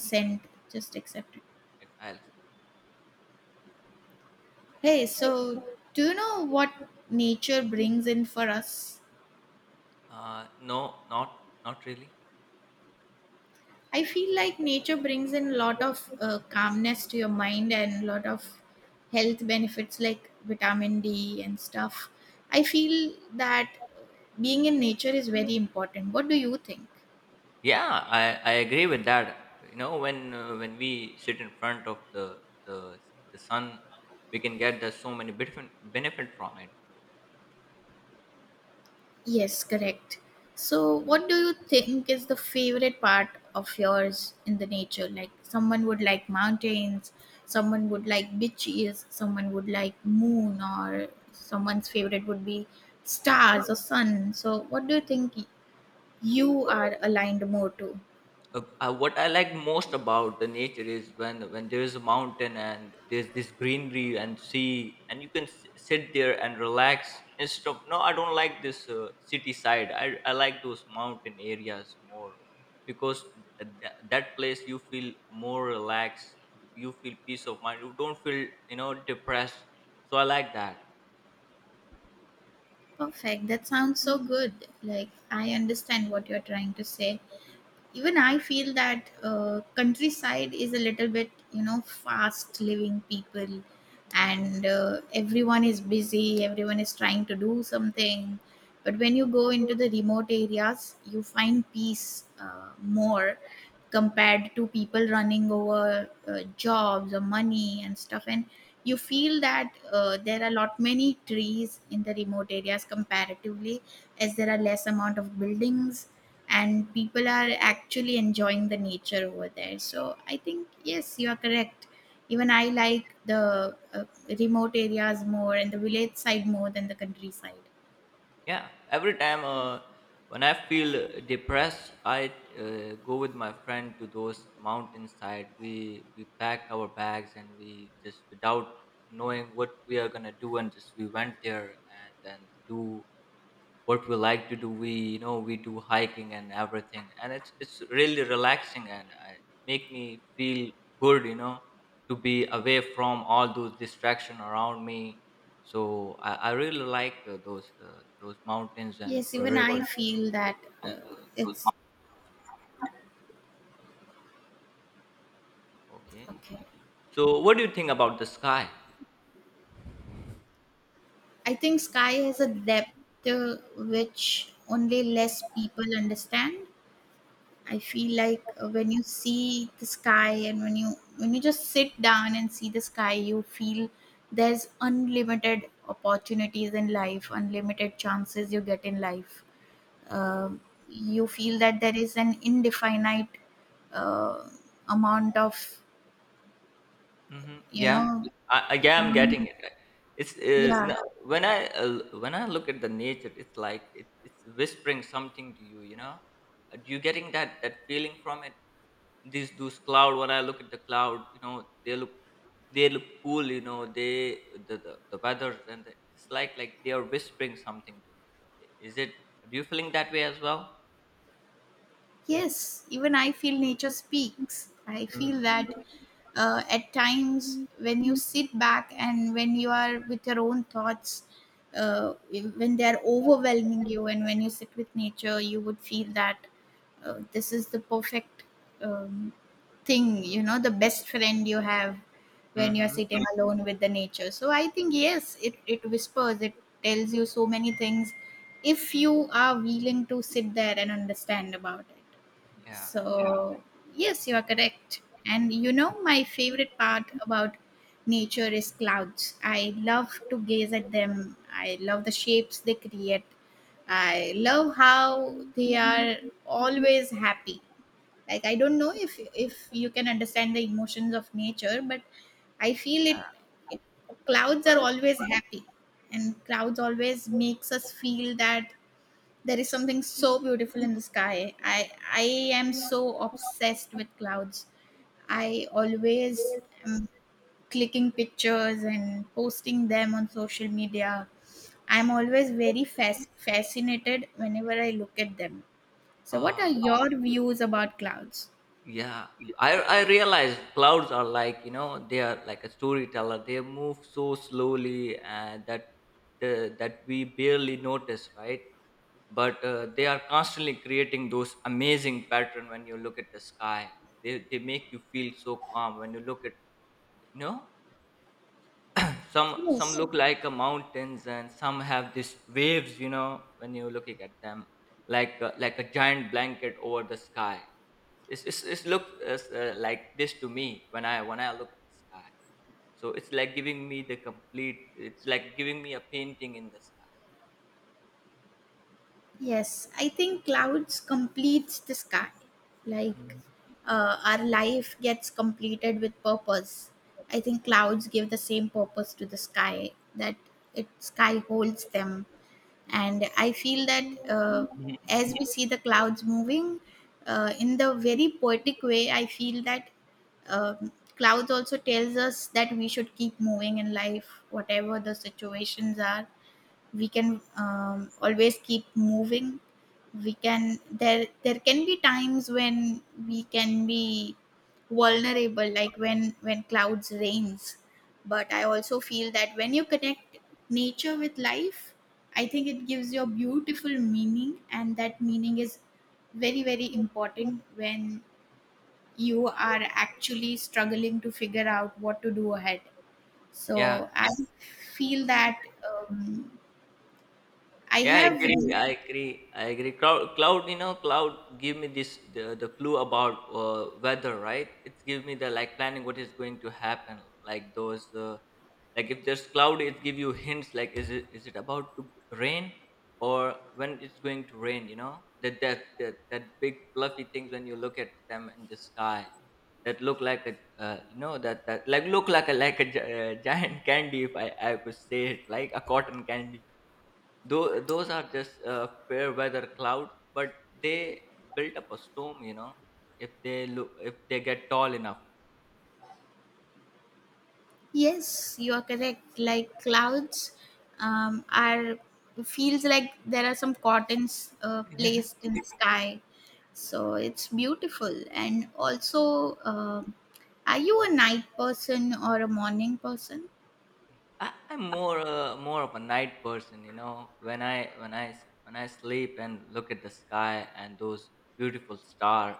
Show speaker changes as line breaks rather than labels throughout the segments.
Consent, just accept it.
Like, I'll,
Hey, so do you know what nature brings in for us?
no, not not really.
I feel like nature brings in a lot of calmness to your mind and a lot of health benefits like vitamin D and stuff. I feel that being in nature is very important. What do you think?
Yeah, I agree with that. You know, when we sit in front of the the sun, we can get there's so many benefit from it.
Yes, correct. So, what do you think is the favorite part of yours in the nature? Like, someone would like mountains, someone would like beaches, someone would like moon, or someone's favorite would be stars or sun. So, what do you think you are aligned more to?
What I like most about the nature is when there is a mountain and there's this greenery and sea and you can sit there and relax instead of no, I don't like this city side. I like those mountain areas more because that place you feel more relaxed, you feel peace of mind, you don't feel depressed, so I like that.
Perfect. That sounds so good. Like, I understand what you're trying to say. Even I feel that countryside is a little bit, you know, fast living people, and everyone is busy, everyone is trying to do something. But when you go into the remote areas, you find peace more compared to people running over jobs or money and stuff. And you feel that there are a lot many trees in the remote areas comparatively, as there are less amount of buildings, and people are actually enjoying the nature over there. So I think, yes, you are correct. Even I like the remote areas more and the village side more than the countryside.
Yeah, every time when I feel depressed, I go with my friend to those mountainside. We pack our bags and we just, without knowing what we are gonna do, and just we went there and then do what we like to do, we you know we do hiking and everything, and it's really relaxing and make me feel good, to be away from all those distraction around me. So I really like those mountains and
Yes, even I
rivers.
feel that uh, it's
Okay,
okay.
so what do you think about the sky?
I think sky has a depth which only less people understand. I feel like when you see the sky and when you just sit down and see the sky, you feel there's unlimited opportunities in life, unlimited chances you get in life. Uh, you feel that there is an indefinite uh, amount of,
Mhm.
you
Yeah.
know,
I'm getting
um,
it. Like, It's
yeah.
no, when I when I look at the nature, it's it's whispering something to you. You know, you getting that feeling from it. These those cloud. When I look at the cloud, you know, they look they look cool. You know, the weather and the, it's like they are whispering something to me. I- Is it? Do you feeling that way as well?
Yes, even I feel nature speaks. I feel
Mm-hmm.
that at times when you sit back and when you are with your own thoughts, when they are overwhelming you, and when you sit with nature, you would feel that this is the perfect um, thing, you know, the best friend you have when you're
Mm-hmm.
sitting alone with the nature. So I think, yes, it whispers, it tells you so many things if you are willing to sit there and understand about it.
Yeah.
So, yes, you are correct. And you know, my favorite part about nature is clouds. I love to gaze at them. I love the shapes they create. I love how they are always happy. Like, I don't know if you can understand the emotions of nature, but I feel it, it clouds are always happy, and clouds always makes us feel that there is something so beautiful in the sky. I am so obsessed with clouds. I always am clicking pictures and posting them on social media. I'm always very fascinated whenever I look at them. So what
Uh,
are your views about clouds?
Yeah, I realize clouds are like, you know, they are like a storyteller. They move so slowly and that we barely notice, right? But they are constantly creating those amazing pattern when you look at the sky. They make you feel so calm when you look at, you know, some
Yes.
look like mountains, and some have these waves, you know, when you're looking at them like a giant blanket over the sky. It's look like this to me when I when I look at the sky. So it's like giving me the complete. It's like giving me a painting in the sky.
Yes, I think clouds completes the sky. Like,
Mhm.
our life gets completed with purpose. I think clouds give the same purpose to the sky that it sky holds them, and I feel that
Mhm.
as we see the clouds moving in the very poetic way, I feel that clouds also tells us that we should keep moving in life, whatever the situations are. We can always keep moving. We can, there can be times when we can be vulnerable, like when clouds rains. But I also feel that when you connect nature with life, I think it gives you a beautiful meaning, and that meaning is very very important when you are actually struggling to figure out what to do ahead.
Yeah.
So I feel that I
Yeah, I
have.
agree. I agree. I agree. Cloud, you know, cloud give me this the clue about weather, right? It give me the like planning what is going to happen, like those like if there's cloud, it give you hints like is it about to rain or when it's going to rain? You know that big fluffy things when you look at them in the sky that look like a you know that that like look like a like a giant candy, if I could say it, like a cotton candy. Though those are just fair weather cloud, but they build up a storm. You know, if they look, if they get tall enough.
Yes, you are correct. Like, clouds are feels like there are some cottons placed in the sky, so it's beautiful. And also, are you a night person or a morning person?
I'm more more of a night person, you know. When I when I sleep and look at the sky and those beautiful star,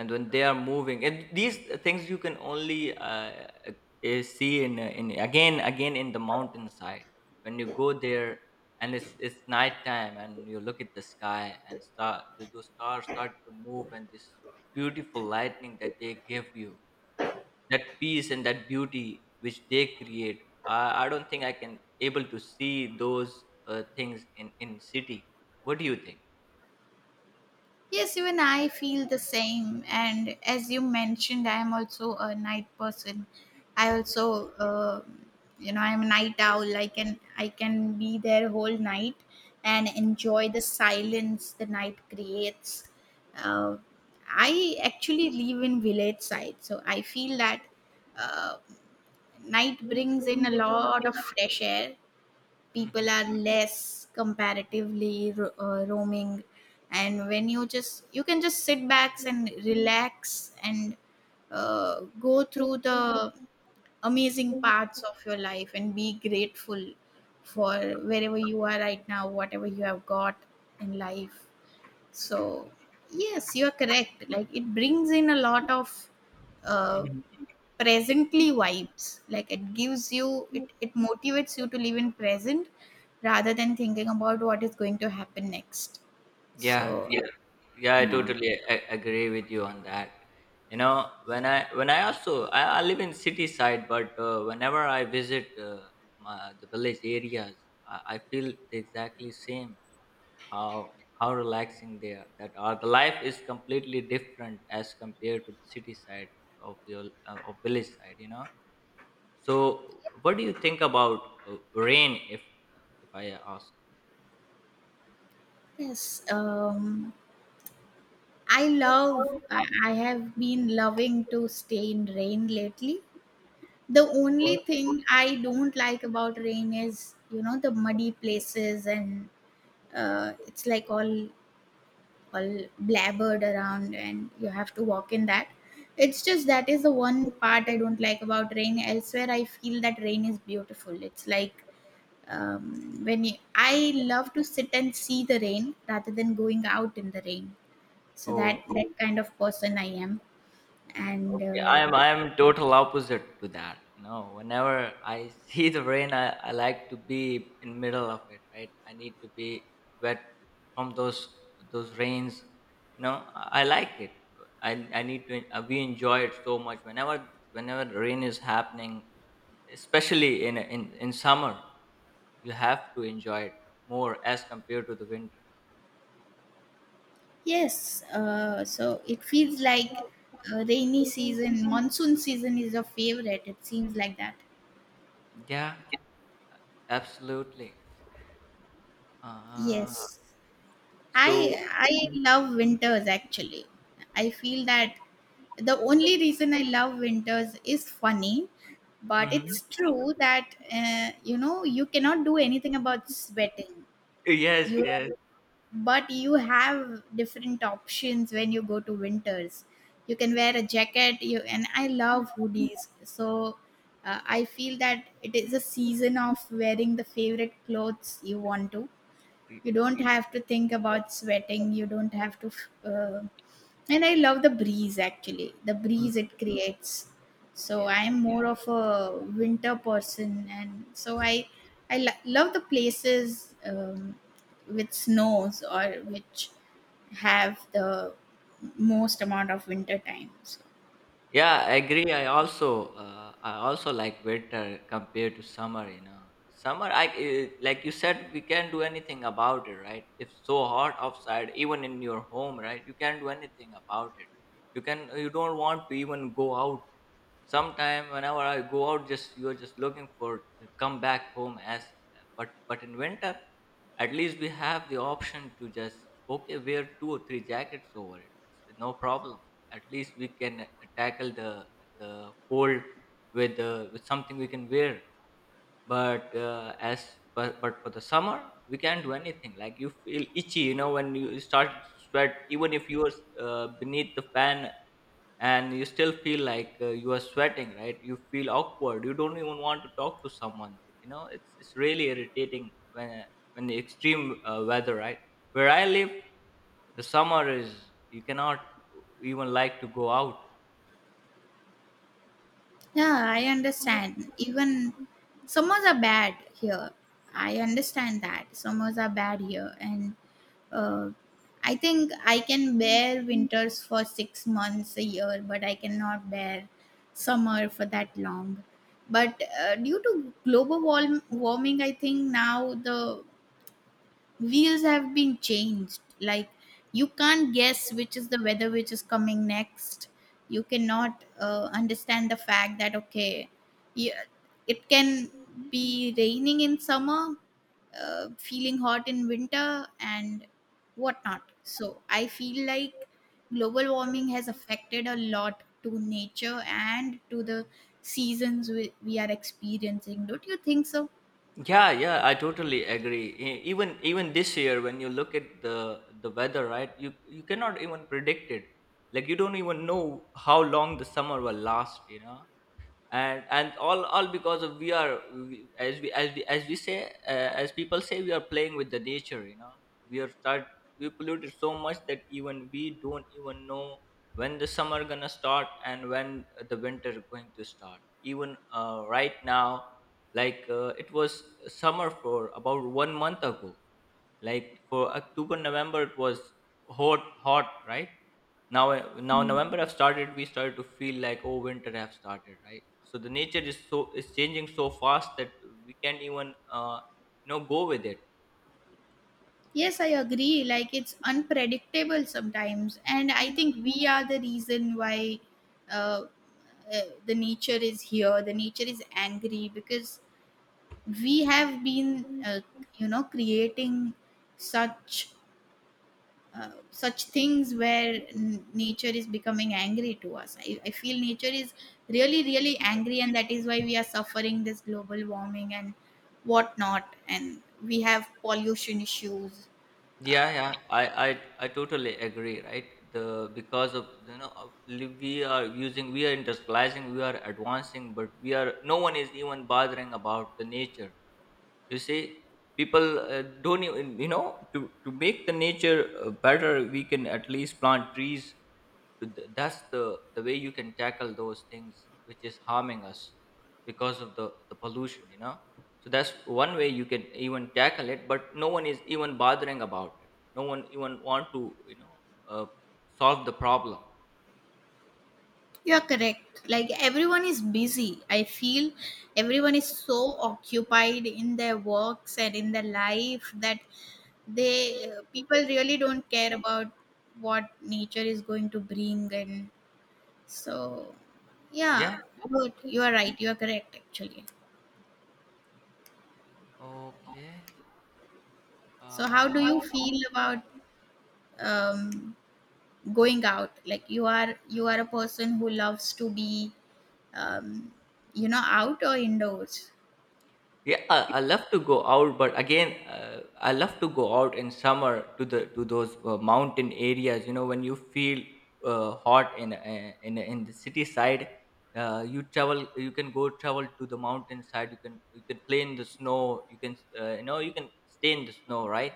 and when they are moving, and these things you can only see in again in the mountainside when you go there, and it's nighttime, and you look at the sky and those stars start to move, and this beautiful lightning that they give you, that peace and that beauty which they create, I don't think I can able to see those things in city. What do you think?
Yes, even I feel the same. And as you mentioned, I am also a night person. I also, I'm a night owl. I can be there whole night and enjoy the silence the night creates. Uh, I actually live in village side, so I feel that uh, night brings in a lot of fresh air.
Hmm.
People are less comparatively roaming, and when you can just sit back and relax and go through the amazing parts of your life and be grateful for wherever you are right now, whatever you have got in life. So yes, you are correct. Like, it brings in a lot of uh,
Hmm.
presently vibes. Like, it gives you, it motivates you to live in present rather than thinking about what is going to happen next.
Yeah.
So yeah.
Yeah, I
Yeah.
totally agree with you on that. You know, when I also I live in city side, but whenever I visit the village areas, I feel the exactly same how relaxing they are. That are the life is completely different as compared to the city side of your of village side, you know. So, what do you think about rain? If I ask.
Yes. um I love, I have been loving to stay in rain lately. The only thing I don't like about rain is, you know, the muddy places and it's like all blabbered around and you have to walk in that. It's just that is the one part I don't like about rain. Elsewhere, I feel that rain is beautiful. It's like, when you, I love to sit and see the rain rather than going out in the rain. So that
Oh.
kind of person I am. And
Okay, I am total opposite to that. You know, whenever I see the rain, I like to be in middle of it, right? I need to be wet from those rains. You know, I like it. I need to we enjoy it so much whenever whenever the rain is happening, especially in in summer. You have to enjoy it more as compared to the winter.
yes. So it feels like rainy season monsoon season is your favorite, it seems like that.
Yeah, absolutely. Uh,
Yes. I
so
I love winters actually. I feel that the only reason I love winters is funny, but
mhm.
it's true that you cannot do anything about sweating.
Yes,
You
yes.
but you have different options when you go to winters. You can wear a jacket. You and I love hoodies, so I feel that it is a season of wearing the favorite clothes you want to. You don't have to think about sweating. You don't have to uh, and I love the breeze actually, the breeze
Mm-hmm.
it creates. So
Yeah.
I am more of a winter person, and so I love the places with snows, or which have the most amount of winter time.
Yeah, I agree. I also like winter compared to summer. You know, summer I like you said, we can't do anything about it, right? It's so hot outside, even in your home, right? You can't do anything about it. You can you don't want to even go out. Sometime whenever I go out, just you're just looking for to come back home as, but in winter, at least we have the option to just, okay, wear two or three jackets over it. It's no problem. At least we can tackle the cold with something we can wear. But but for the summer we can't do anything, like you feel itchy, you know, when you start to sweat, even if you are beneath the fan, and you still feel like you are sweating, right? You feel awkward, you don't even want to talk to someone, you know, it's really irritating when when the extreme weather, right? Where I live, the summer is, you cannot even like to go out.
Yeah, I understand. Even summers are bad here. I understand that. Summers are bad here. And uh, I think I can bear winters for 6 months a year, but I cannot bear summer for that long. But due to global warming, I think now the wheels have been changed. Like, you can't guess which is the weather which is coming next. You cannot understand the fact that okay, yeah, it can be raining in summer, feeling hot in winter and whatnot. So I feel like global warming has affected a lot to nature and to the seasons we are experiencing. Don't you think so?
Yeah, yeah, I totally agree. Even even this year, when you look at the weather, right, you cannot even predict it. Like you don't even know how long the summer will last. You know, and all because of we are, we, as we as we as we say as people say, we are playing with the nature, you know, we are start we polluted so much that even we don't even know when the summer gonna start and when the winter going to start. Even right now, like it was summer for about 1 month ago, like for October, November it was hot hot, right? Now now November have started, we started to feel like, oh, winter have started, right? So the nature is so is changing so fast that we can't even you know go with it.
Yes, I agree. Like, it's unpredictable sometimes, and I think we are the reason why uh, the nature is here. The nature is angry because we have been, you know, creating such things where nature is becoming angry to us. I feel nature is really, really angry, and that is why we are suffering this global warming and whatnot, and we have pollution issues.
Yeah,
uh,
yeah, I totally agree, right? The because of, you know, we are using, we are industrializing, we are advancing, but we are no one is even bothering about the nature. You see, people don't even, you know, to make the nature better, we can at least plant trees to that's the way you can tackle those things which is harming us because of the pollution, you know. So that's one way you can even tackle it, but no one is even bothering about it. No one even want to, you know, uh, solve the problem.
You're correct. Like, everyone is busy. I feel everyone is so occupied in their works and in their life that they people really don't care about what nature is going to bring. And so yeah,
Yeah.
good. You are right. You are correct, actually.
Okay. So
So how do you feel about um, going out? Like, you are a person who loves to be um, out or indoors?
Yeah, I love to go out, but again, I love to go out in summer to the to those mountain areas. You know, when you feel hot in the city side, you travel. You can go travel to the mountain side. You can play in the snow. You can you know you can stay in the snow, right?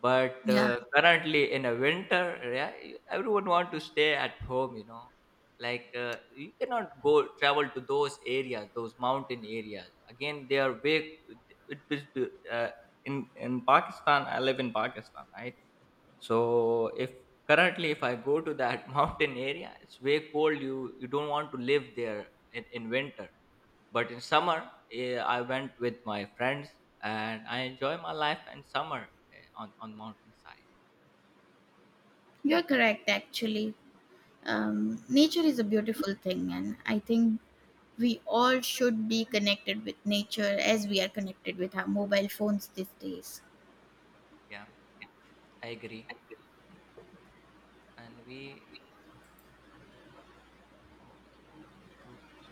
But
Yeah.
currently in a winter, yeah, you- everyone want to stay at home. You know, like you cannot go travel to those areas, those mountain areas. Again, they are big. It, it, it- uh, in Pakistan, I live in Pakistan, right? So if currently if I go to that mountain area, it's way cold. You don't want to live there in winter, but in summer, I went with my friends and I enjoy my life in summer on mountainside.
You're correct, actually. Nature is a beautiful thing, and I think we all should be connected with nature as we are connected with our mobile phones these days.
Yeah, I agree. And we, okay, approve and